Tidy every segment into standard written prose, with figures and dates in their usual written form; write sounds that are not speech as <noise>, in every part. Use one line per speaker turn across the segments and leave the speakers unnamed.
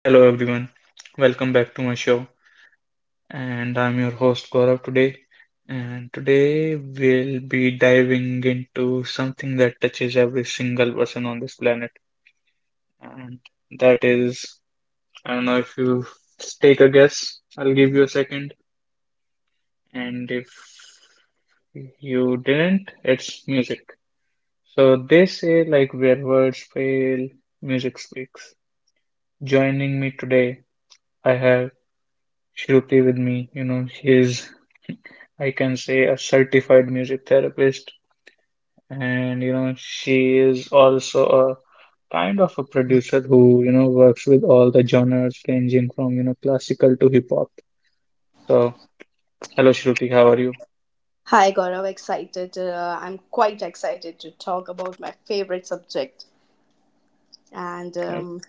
Hello everyone, welcome back to my show, and I'm your host Gaurav today. And today we'll be diving into something that touches every single person on this planet, and that is I don't know if you take a guess, I'll give you a second, and if you didn't, it's music. So they say, like, where words fail, music speaks. Joining me today, I have Shruti with me. You know, she's I can say a certified music therapist, and you know, she is also a kind of a producer who, you know, works with all the genres ranging from, you know, classical to hip hop. So, hello Shruti, how are you?
Hi Gaurav, excited. I'm quite excited to talk about my favorite subject. And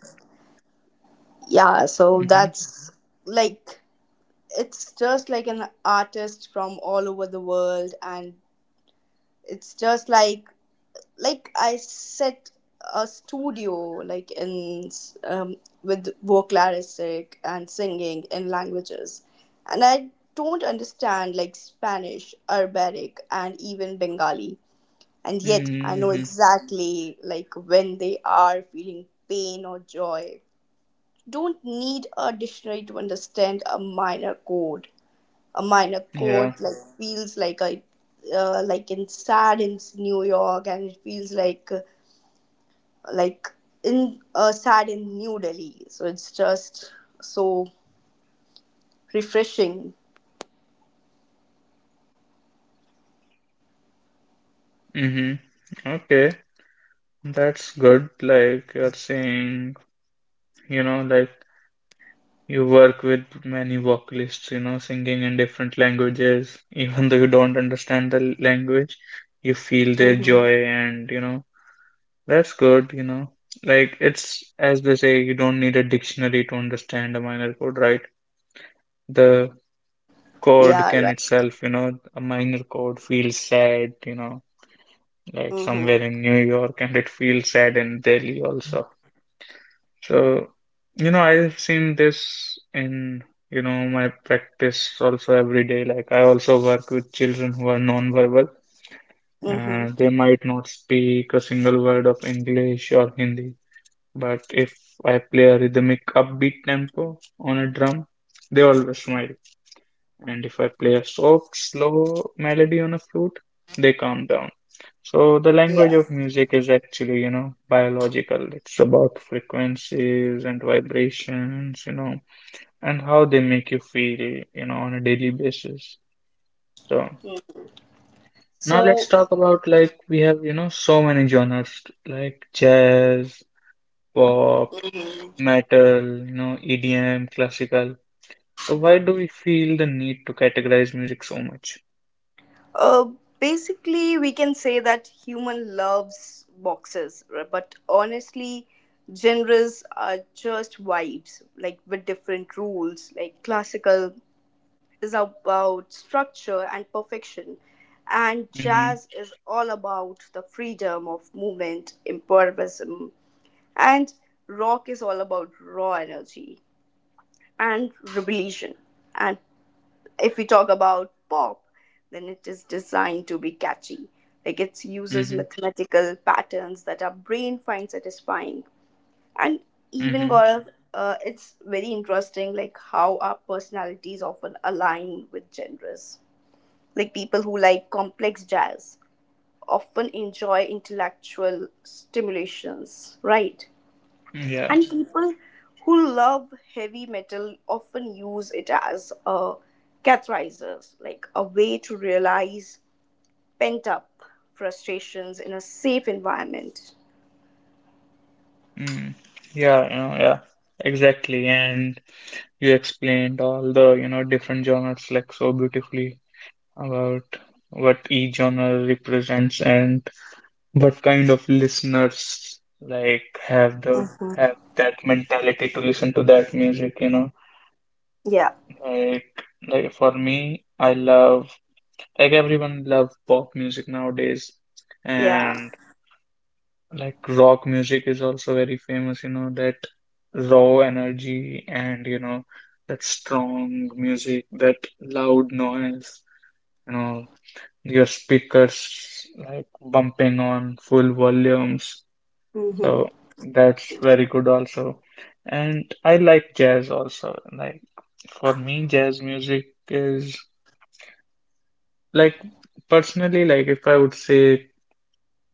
yeah, so
Mm-hmm.
that's like, It's just like an artist from all over the world. And it's just like I set a studio like in um, with vocalistic and singing in languages. And I don't understand like Spanish, Arabic, and even Bengali, and yet I know
Mm-hmm.
exactly like when they are feeling pain or joy. Don't need a dictionary to understand a minor chord. A minor
Yeah.
chord like feels like a like in sad in New York, and it feels like in sad in New Delhi. So it's just so refreshing.
Mm-hmm. Okay. That's good. Like you're saying, you know, like you work with many vocalists, you know, singing in different languages. Even though you don't understand the language, you feel their joy, and you know, that's good, you know. Like, it's as they say, you don't need a dictionary to understand a minor chord, right? The chord
Yeah.
can
Right.
itself, you know, a minor chord feels sad, you know, like
Mhm.
somewhere in New York, and it feels sad in Delhi also. So, you know, I've seen this in, you know, my practice also every day. Like, I also work with children who are non-verbal,
Mhm.
and they might not speak a single word of English or Hindi. But if I play a rhythmic upbeat tempo on a drum, they always smile. And if I play a soft, slow melody on a flute, they calm down. So the language
Yeah.
of music is actually, you know, biological. It's about frequencies and vibrations, you know, and how they make you feel, you know, on a daily basis. So
Mm.
now let's
So
talk about like we have, you know, so many genres like jazz, pop, metal, you know, EDM, classical. So why do we feel the need to categorize music so much?
Uh, Basically, we can say that human loves boxes, but honestly, genres are just vibes, like with different rules. Like classical is about structure and perfection, and
Mm-hmm.
jazz is all about the freedom of movement, improvisation, and rock is all about raw energy and rebellion, and if we talk about pop, then it is designed to be catchy. Like it uses
Mm-hmm.
mathematical patterns that our brain finds satisfying. And even
Mm-hmm.
Gaurav, it's very interesting like how our personalities often align with genres. Like people who like complex jazz often enjoy intellectual stimulations, right?
Yeah.
And people who love heavy metal often use it as a catharsis, like a way to realize pent up frustrations in a safe environment.
Mm. Yeah, you know, yeah. Exactly. And you explained all the, you know, different genres like so beautifully about what each genre represents and what kind of listeners like have the
Hmm.
have that mentality to listen to that music, you know.
Yeah,
Like like for me, I love like everyone love pop music nowadays.
yeah.
And. Like rock music is also very famous, you know, that raw energy and, you know, that strong music, that loud noise, you know, your speakers like bumping on full volumes.
Mm-hmm.
So that's very good also. And I like jazz also. Like for me, jazz music is like personally, like if I would say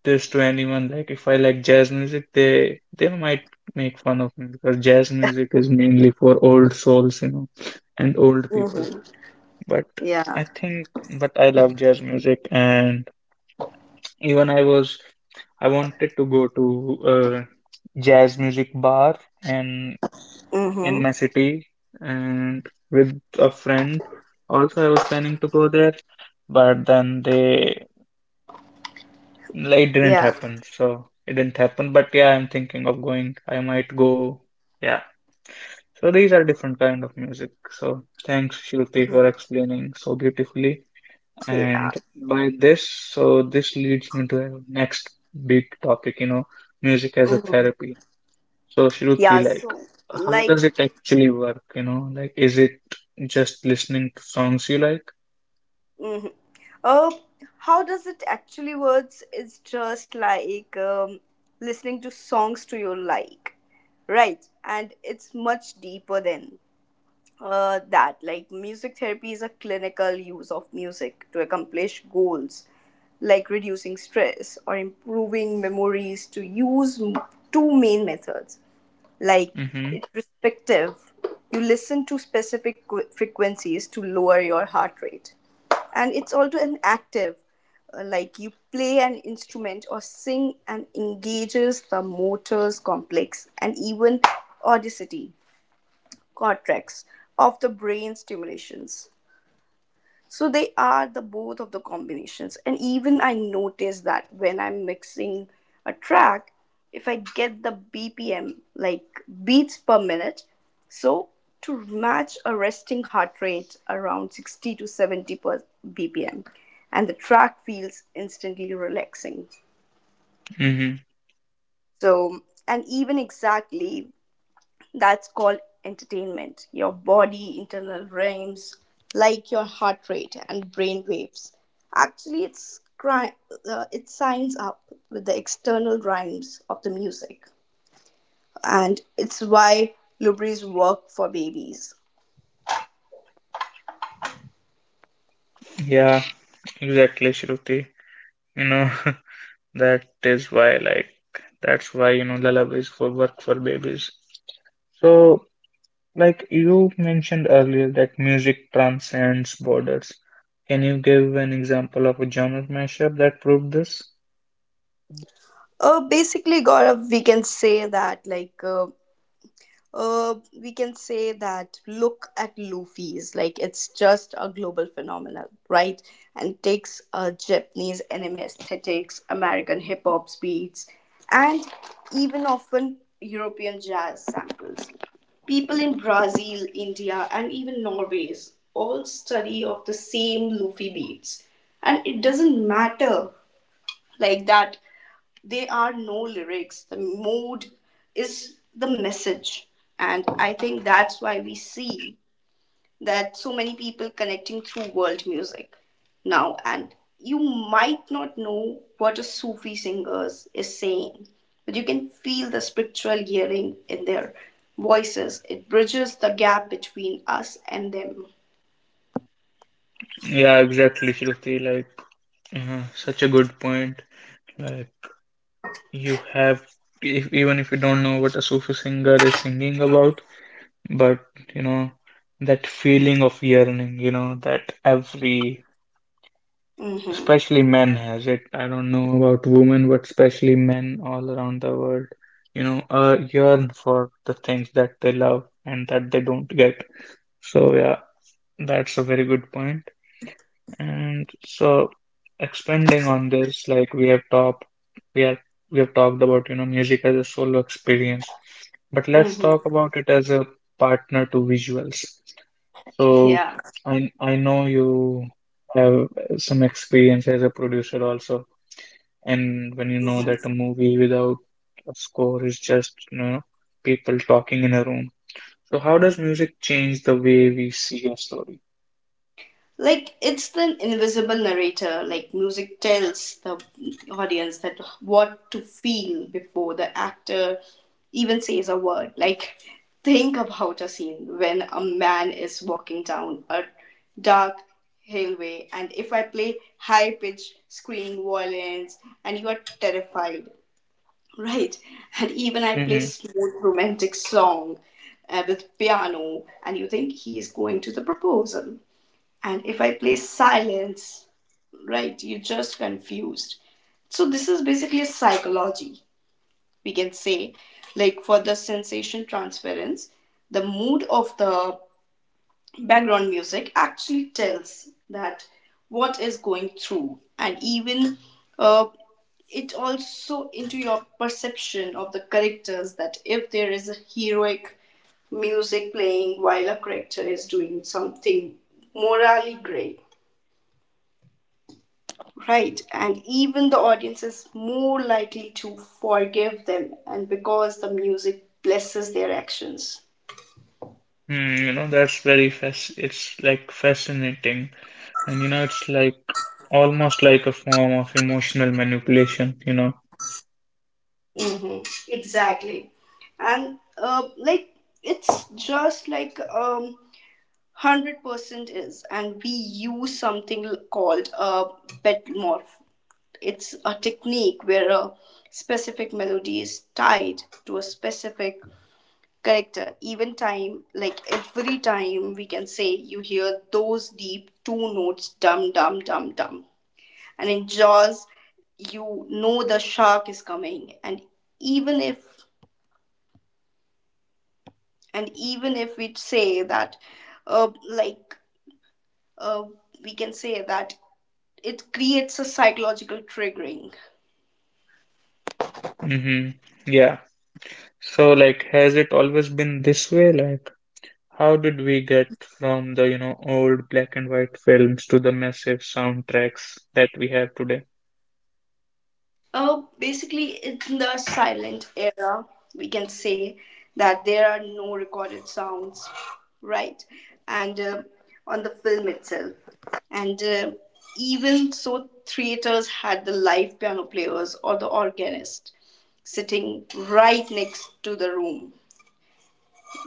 this to anyone. Like if I like jazz music, they might make fun of me because jazz music is mainly for old souls, you know, and old people.
Mm-hmm.
But
Yeah.
I think, but I love jazz music, and even I wanted to go to a jazz music bar in
Mm-hmm.
my city and with a friend. Also, I was planning to go there, but then they Like, It didn't
Yeah.
happen, so it didn't happen. But yeah, I'm thinking of going. I might go. Yeah. So these are different kind of music. So thanks, Shruti, for explaining so beautifully. And
Yeah.
by this, so this leads me to our next big topic, you know, music as a
Mm-hmm.
therapy. So
Yeah.
Shruti, like,
So,
how
like,
does it actually work? You know, like, is it just listening to songs you like?
Uh, how does it actually works is just listening to songs to your like, right? And it's much deeper than that. Like music therapy is a clinical use of music to accomplish goals, like reducing stress or improving memories. Two main methods, like
Mm-hmm.
irrespective, you listen to specific frequencies to lower your heart rate, and it's also an active like you play an instrument or sing and engages the motors complex and even audacity cortex of the brain stimulations, so they are the both of the combinations. And even I notice that when I'm mixing a track, if I get the BPM, like beats per minute, so to match a resting heart rate around 60 to 70 per BPM, and the track feels instantly relaxing.
Mm-hmm.
So, and even exactly, that's called entertainment. Your body internal rhythms like your heart rate and brain waves. Actually, it signs up with the external rhymes of the music, and it's why lubri's work for babies.
Yeah, exactly, Shruti. You know. <laughs> That is why, like, that's why, you know, lullabies for work for babies. So, like you mentioned earlier, that music transcends borders. Can you give an example of a genre mashup that proved this?
Basically, Gaurav, we can say that uh, we can say that look at Luffy's. Like it's just a global phenomenon, right? And takes Japanese anime aesthetics, American hip hop beats, and even often European jazz samples. People in Brazil, India, and even Norway's all study of the same Luffy beats, and it doesn't matter like that there are no lyrics. The mood is the message. And I think that's why we see that so many people connecting through world music now. And you might not know what a Sufi singer is saying, but you can feel the spiritual gearing in their voices. It bridges the gap between us and them.
Yeah, exactly, Shruti. Like, such a good point. Like, you have, if, even if you don't know what a Sufi singer is singing about, but you know, that feeling of yearning, you know, that every
Mm-hmm.
especially men has it. I don't know about women, but especially men all around the world, you know, yearn for the things that they love and that they don't get. So yeah, that's a very good point. And so expanding on this, like we have talked, we have we have talked about, you know, music as a solo experience, but let's talk
Mm-hmm.
about it as a partner to visuals. So
Yeah.
I know you have some experience as a producer also, and when you know
Mhm.
that a movie without a score is just, you know, people talking in a room. So how does music change the way we see a story?
Like it's the invisible narrator, like music tells the audience that what to feel before the actor even says a word. Like think about a scene when a man is walking down a dark hallway, and if I play high pitched screaming violins and you are terrified, right? And even I play smooth romantic song with piano and you think he is going to the proposal, and if I play silence, right, you're just confused. So this is basically a psychology, we can say, like for the sensation transference, the mood of the background music actually tells that what is going through, and even uh, it also into your perception of the characters, that if there is a heroic music playing while a character is doing something morally great, right, and even the audience is more likely to forgive them, and because the music blesses their actions.
Hmm, you know, that's very fas it's like fascinating. And you know, it's like almost like a form of emotional manipulation, you know.
Hmm. Exactly, and like it's just like 100% is, and we use something called a bet morph. It's a technique where a specific melody is tied to a specific correct. Even time, like every time, we can say you hear those deep two notes, dum dum dum dum. And in Jaws, you know the shark is coming. Even if and even if we say that uh, like uh, we can say that it creates a psychological triggering.
Hmm. Yeah. So like has it always been this way? Like how did we get from the, you know, old black and white films to the massive soundtracks that we have today?
Oh, basically, in the silent era, we can say that there are no recorded sounds, right? And on the film itself. And even so, theaters had the live piano players or the organist sitting right next to the room,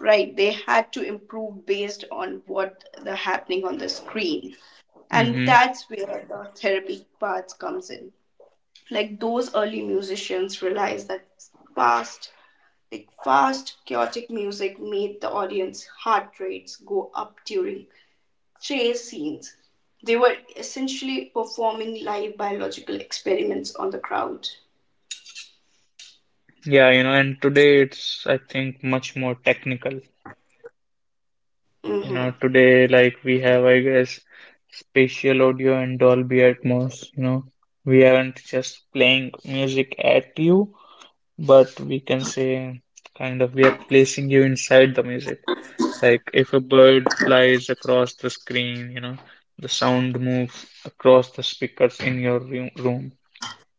right? They had to improve based on what the happening on the screen. And
Hmm.
that's where the therapy part comes in, like those early musicians realized that fast fast chaotic music made the audience heart rates go up during chase scenes. They were essentially performing live biological experiments on the crowd.
Yeah, you know, and today it's I think much more technical. You
Hmm.
know, today, like we have, I guess, spatial audio and Dolby Atmos. You know, we aren't just playing music at you, but we can say kind of we are placing you inside the music. Like if a bird flies across the screen, you know, the sound moves across the speakers in your room.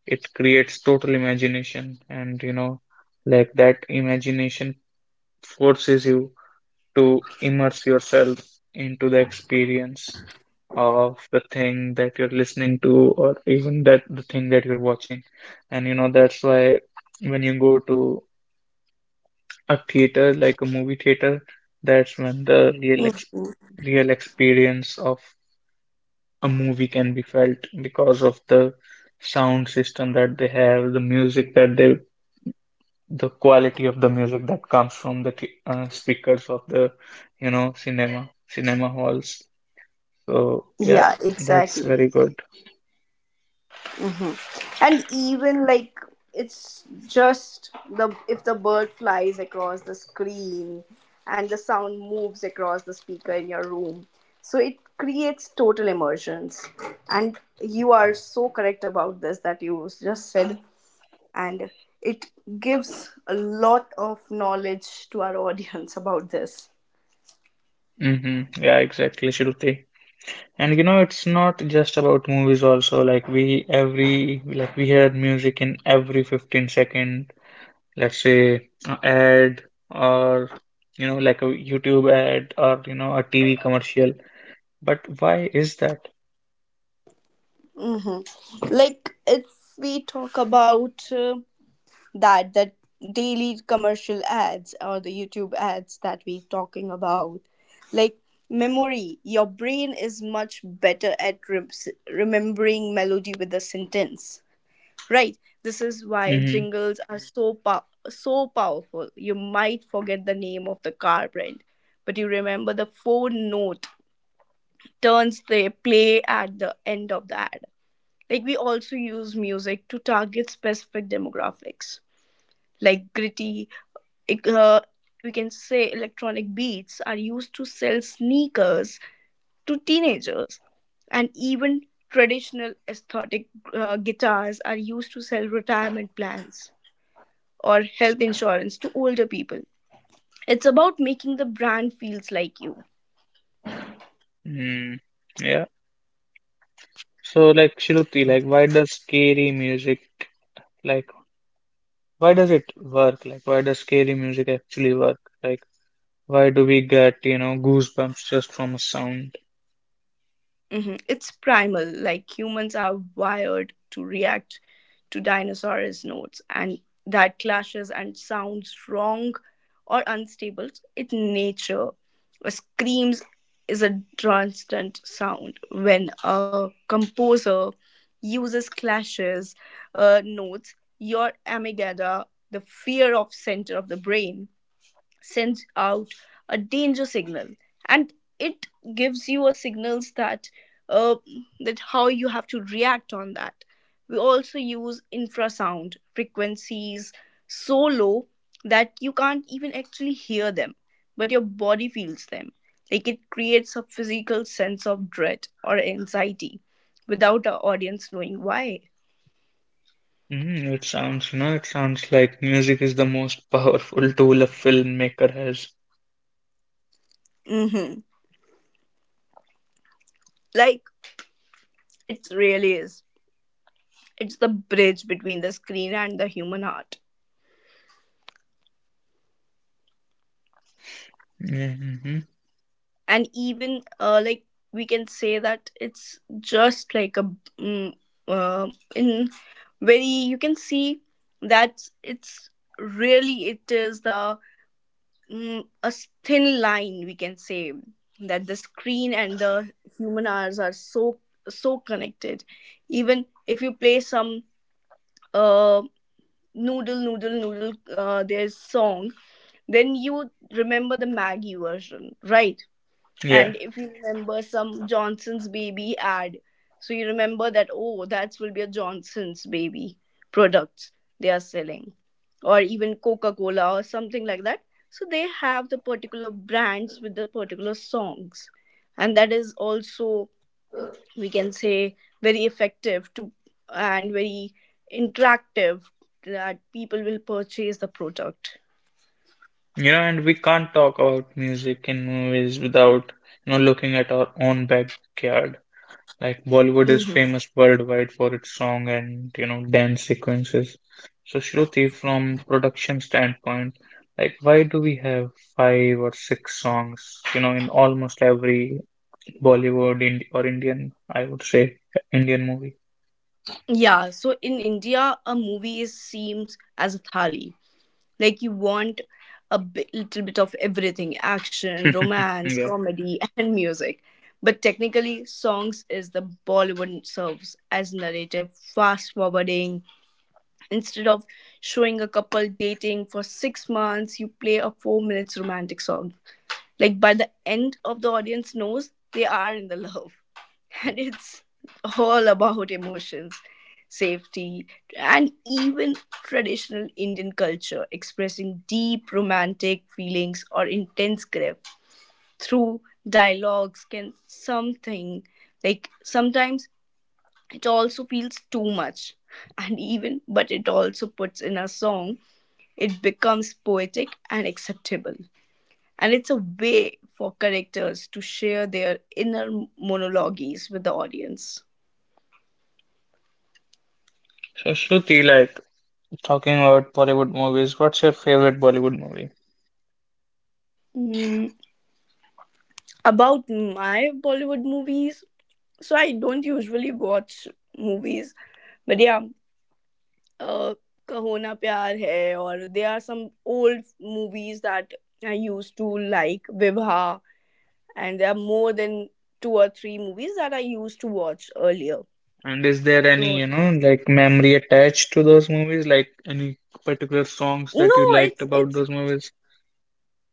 It creates total imagination, and you know, like that imagination forces you to immerse yourself into the experience of the thing that you're listening to or even that the thing that you're watching. And you know, that's why when you go to a theater, like a movie theater, that's when the real ex
Hmm.
real experience of a movie can be felt because of the sound system that they have, the music that they, the quality of the music that comes from the th speakers of the, you know, cinema halls. So yeah,
Yeah,
that's
exactly.
very good.
Mhm. And even like it's just the if the bird flies across the screen and the sound moves across the speaker in your room. So it creates total immersions. And you are so correct about this that you just said. And it gives a lot of knowledge to our <laughs> audience about this.
Hmm. Yeah, exactly, Shruti. And you know, it's not just about movies also. Like we every like we hear music in every 15-second, let's say ad or you know like a YouTube ad or you know a TV commercial. But why is that?
Like if we talk about that the daily commercial ads or the YouTube ads that we're talking about. Like memory, your brain is much better at remembering melody with a sentence, right? This is why
Mm-hmm.
jingles are so powerful. You might forget the name of the car brand, but you remember the four note turns they play at the end of the ad. Like we also use music to target specific demographics like gritty, uh, we can say electronic beats are used to sell sneakers to teenagers, and even traditional aesthetic guitars are used to sell retirement plans or health insurance to older people. It's about making the brand feels like you.
Mm, yeah. So like Shruti, like why does scary music like why does it work? Like why does scary music actually work? Like. Why do we get, you know, goosebumps just from a sound?
Mhm. It's primal, like humans are wired to react to dinosaurs' notes, and that clashes and sounds wrong or unstable. It nature. A screams is a constant sound. When a composer uses clashes notes, your amygdala, the fear of center of the brain, sends out a danger signal, and it gives you a signals that uh, that how you have to react on that. We also use infrasound frequencies so low that you can't even actually hear them, but your body feels them, like it creates a physical sense of dread or anxiety without our audience knowing why.
Mm, it sounds, you know, it sounds like music is the most <laughs> powerful tool a filmmaker has.
Hmm. Like it really is, it's the bridge between the screen and the human heart,
Hmm.
and even like we can say that it's just like a mm, uh, in very you can see that it's really it is the a thin line, we can say, that the screen and the human hours are so so connected. Even if you play some uh noodle noodle noodle there's song, then you would remember the maggie version, right? And
Yeah,
if you remember some Johnson's baby ad, so you remember that, oh, that will be a Johnson's baby products they are selling, or even Coca Cola or something like that. So they have the particular brands with the particular songs. And that is also, we can say, very effective to and very interactive that people will purchase the product.
you know, and we can't talk about music in movies without, you know, looking at our own backyard. Like Bollywood is
Mhm.
famous worldwide for its song and, you know, dance sequences. So, Shruti, from production standpoint, like why do we have five or six songs, you know, in almost every Bollywood Ind or Indian, I would say Indian movie.
Yeah, so in India, a movie is seems as a thali. Like you want a bit, little bit of everything: action,
<laughs>
romance,
Yeah.
comedy, <laughs> and music. But technically, songs is the Bollywood serves as narrative, fast forwarding. Instead of showing a couple dating for 6 months, you play a 4 minutes romantic song. Like by the end of the audience knows they are in the love. <laughs> And it's all about emotions, safety, and even traditional Indian culture expressing deep romantic feelings or intense grief through dialogues can something like sometimes it also feels too much, and even but it also puts in a song, it becomes poetic and acceptable, and it's a way for characters to share their inner monologues with the audience.
So Shruti, like talking about Bollywood movies, what's your favorite Bollywood movie?
Mm, about my Bollywood movies, so I don't usually watch movies, but yeah, uh, Kahona Pyar Hai, or there are some old movies that I used to like, Vibha, and there are more than two or three movies that I used to watch earlier.
And is there any,
So
you know, like memory attached to those movies? Like any particular songs that
no,
you liked
it's
about
it's
those movies?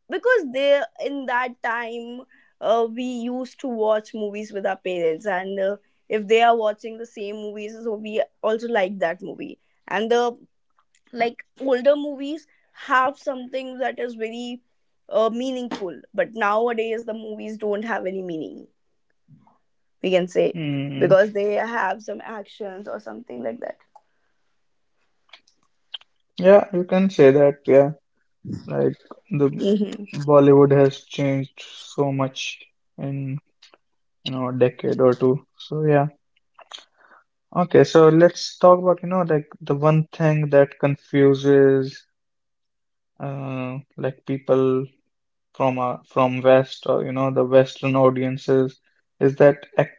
because they in that time, we used to watch movies with our parents, and if they are watching the same movies so we also like that movie. And the, like, older movies have something that is very meaningful, but nowadays the movies don't have any meaning, we can say,
Mm,
because they have some actions or something like that.
yeah, you can say that. Yeah, like the
Hmm.
Bollywood has changed so much in, you know, a decade or two. So yeah. Okay, so let's talk about, you know, like the one thing that confuses like people from West or you know the Western audiences is that act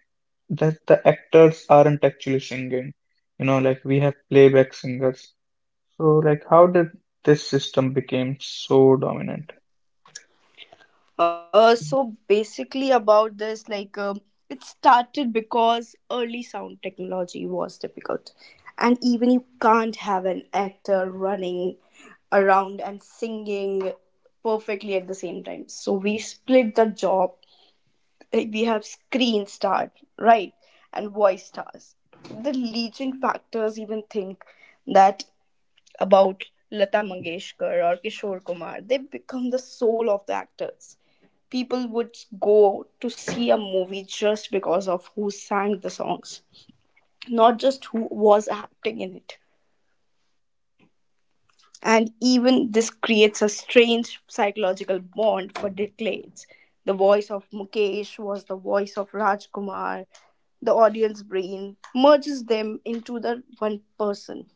that the actors aren't actually singing. You know, like we have playback singers. So like how did this system became so dominant?
So basically, about this, like, it started because early sound technology was difficult, and even you can't have an actor running around and singing perfectly at the same time. So we split the job. Like, we have screen stars, right, and voice stars. The leading factors even think that about Lata Mangeshkar or Kishore Kumar. They become the soul of the actors. People would go to see a movie just because of who sang the songs, not just who was acting in it. And even this creates a strange psychological bond for decades. The voice of Mukesh was the voice of Rajkumar. The audience brain merges them into the one person.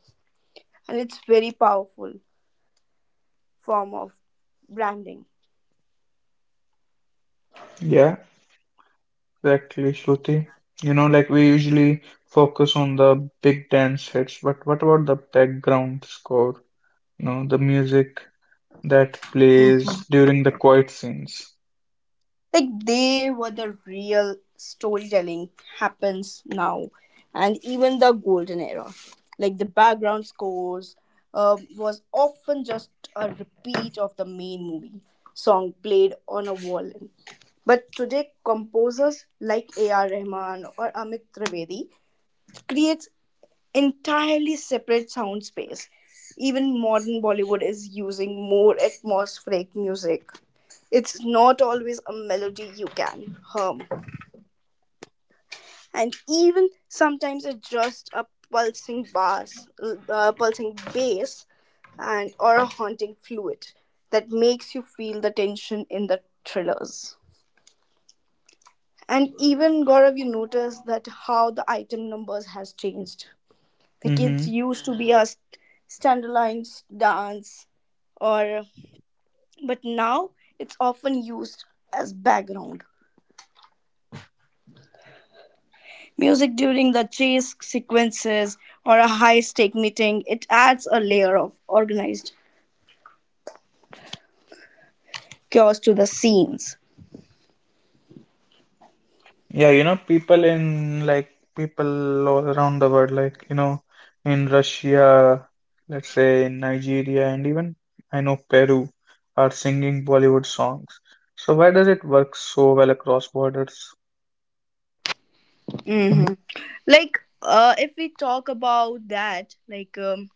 And it's very powerful form of branding.
Yeah, exactly, Shruti. You know, like we usually focus on the big dance hits, but what about the background score? You know, the music that plays during the quiet scenes.
Like, they were the real storytelling, happens now. And even the golden era, like, the background scores was often just a repeat of the main movie song played on a violin, but today composers like ar rahman or amit trivedi creates entirely separate sound space. Even modern Bollywood is using more atmospheric music. It's not always a melody you can hum, and even sometimes it's just a pulsing bass, uh, pulsing bass, and or a haunting fluid that makes you feel the tension in the thrillers. And even Gaurav, you notice that how the item numbers has changed. The kids
Hmm.
used to be a standalone dance, or, but now it's often used as background music during the chase sequences or a high-stake meeting. It adds a layer of organized chaos to the scenes.
Yeah, you know, people in like people all around the world, like you know, in Russia, let's say in Nigeria, and even I know Peru are singing Bollywood songs. So why does it work so well across borders?
Hmm. Like, if we talk about that, like.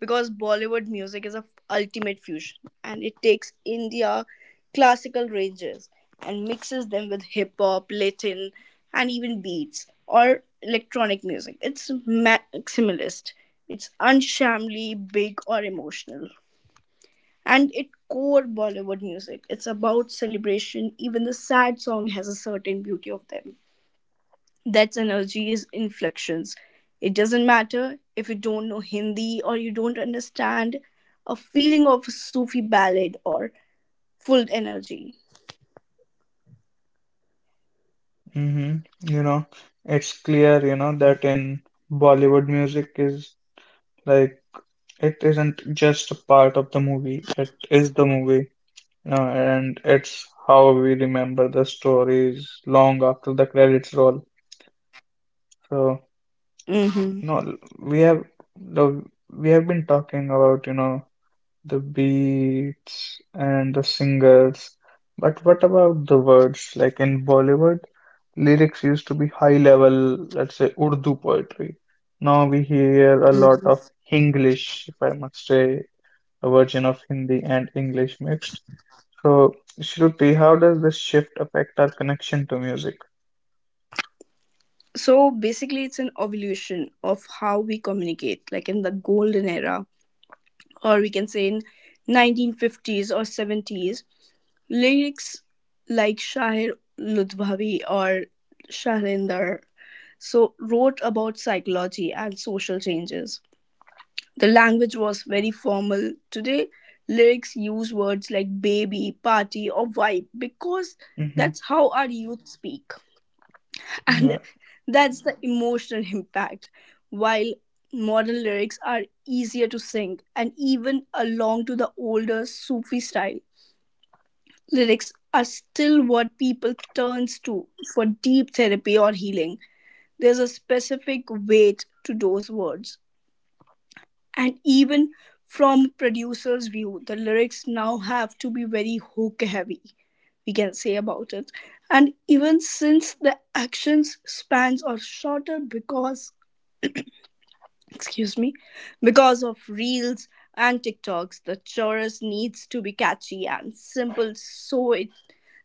Because Bollywood music is a ultimate fusion, and it takes India classical ranges and mixes them with hip hop, Latin, and even beats or electronic music. It's maximalist. It's unshamly big or emotional. And it core Bollywood music. It's about celebration. Even the sad song has a certain beauty of them. That's energy's inflections. It doesn't matter if you don't know Hindi or you don't understand a feeling of a Sufi ballad or full energy.
Hmm. You know, it's clear, you know, that in Bollywood music is like it isn't just a part of the movie, it is the movie. And it's how we remember the stories long after the credits roll. So,
Hmm.
you know, the we have been talking about, you know, the beats and the singers, but what about the words? Like in Bollywood, lyrics used to be high level, let's say Urdu poetry. Now we hear a lot of
Hmm.
Hinglish, if I must say, a version of Hindi and English mixed. So, Shruti, how does this shift affect our connection to music?
So basically, it's an evolution of how we communicate, like in the golden era, or we can say in 1950s or 70s, lyrics like Shahir Ludhvavi or Shahrinder so wrote about psychology and social changes. The language was very formal. Today, lyrics use words like baby, party, or vibe because
Mm-hmm.
that's how our youth speak. <laughs> And
Yeah.
that's the emotional impact. While modern lyrics are easier to sing and even along to, the older Sufi style lyrics are still what people turns to for deep therapy or healing. There's a specific weight to those words. And even from producer's view, the lyrics now have to be very hook heavy, we can say about it. And even since the actions spans are shorter because, excuse me, because of reels and TikToks, the chorus needs to be catchy and simple so it,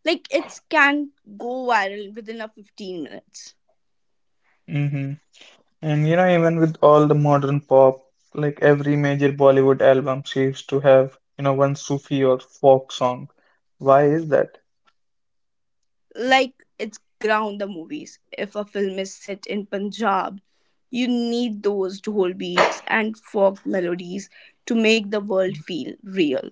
like, it can go viral within a 15 minutes.
Mm-hmm. And you know, even with all the modern pop, like every major Bollywood album seems to have, you know, one Sufi or folk song. Why is that?
Like, it's ground the movies. If a film is set in Punjab, you need those dhol beats and folk melodies to make the world feel real.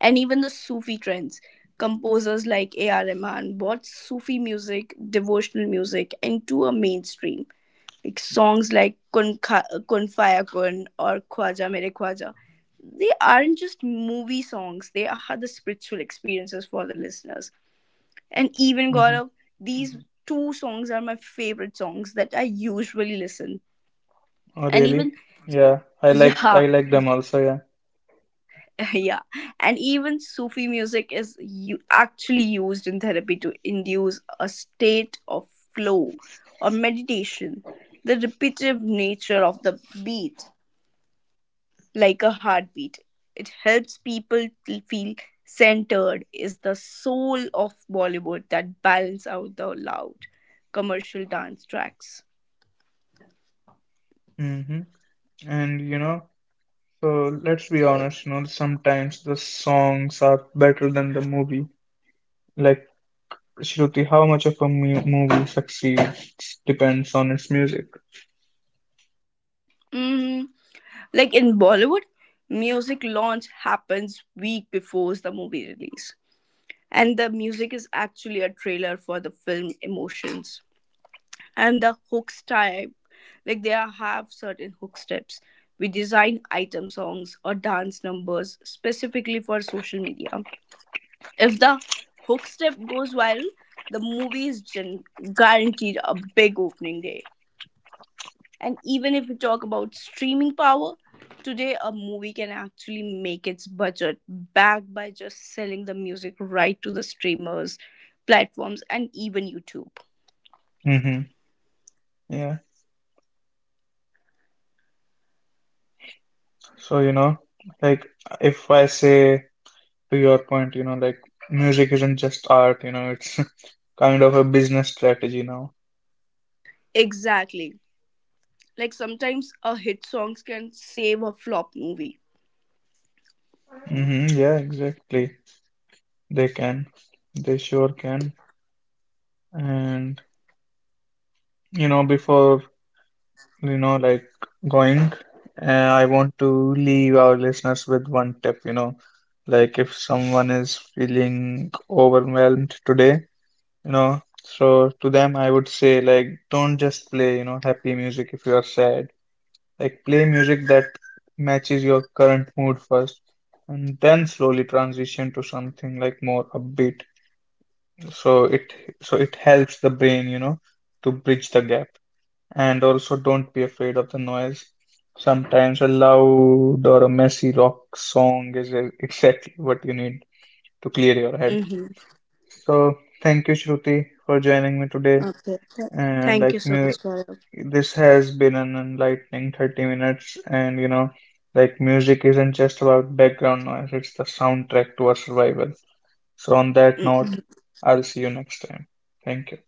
And even the Sufi trends. Composers like A.R. Rahman brought Sufi music, devotional music into a mainstream. Like songs like Kun, Kun Faya Kun or Khwaja Mere Khwaja. They aren't just movie songs, they are the spiritual experiences for the listeners. And even
Mm-hmm.
Gaurav, these Mhm. two songs are my favorite songs that I usually listen.
Oh,
And
really?
even
Yeah, I like I
yeah,
like them
<laughs>
also, yeah.
yeah, and even Sufi music is actually used in therapy to induce a state of flow or meditation. The repetitive nature of the beat, like a heartbeat, it helps people to feel centered. Is the soul of Bollywood that balance out the loud commercial dance tracks.
Mm-hmm. And you know, so let's be honest, you know, sometimes the songs are better than the movie. Like Shruti, how much of a mu movie succeeds depends on its music.
Hmm. Like, in Bollywood, music launch happens week before the movie release. And the music is actually a trailer for the film emotions. And the hooks type, like, they have certain hook steps. We design item songs or dance numbers specifically for social media. If the hook step goes viral, the movie is guaranteed a big opening day. And even if we talk about streaming power, today a movie can actually make its budget back by just selling the music right to the streamers, platforms, and even YouTube.
Hmm. Yeah. So, you know, like if I say to your point, you know, like music isn't just art, you know, it's <laughs> kind of a business strategy now.
Exactly. Like sometimes a hit songs can save a flop movie.
Hmm. Yeah, exactly. They can. They sure can. And, you know, before you know, like going, I want to leave our listeners with one tip, you know, like if someone is feeling overwhelmed today, you know, so to them I would say like don't just play, you know, happy music if you are sad. Like play music that matches your current mood first and then slowly transition to something like more upbeat. So it helps the brain, you know, to bridge the gap. And also, don't be afraid of the noise. Sometimes a loud or a messy rock song is exactly what you need to clear your head.
Mm-hmm.
So, thank you, Shruti, for joining me today.
Okay. Th-
And
Thank you
like
so
me,
much, Gaurav.
this has been an enlightening 30 minutes. And you know, like music isn't just about background noise, it's the soundtrack to our survival. So, on that note,
Mm.
I'll see you next time. Thank you.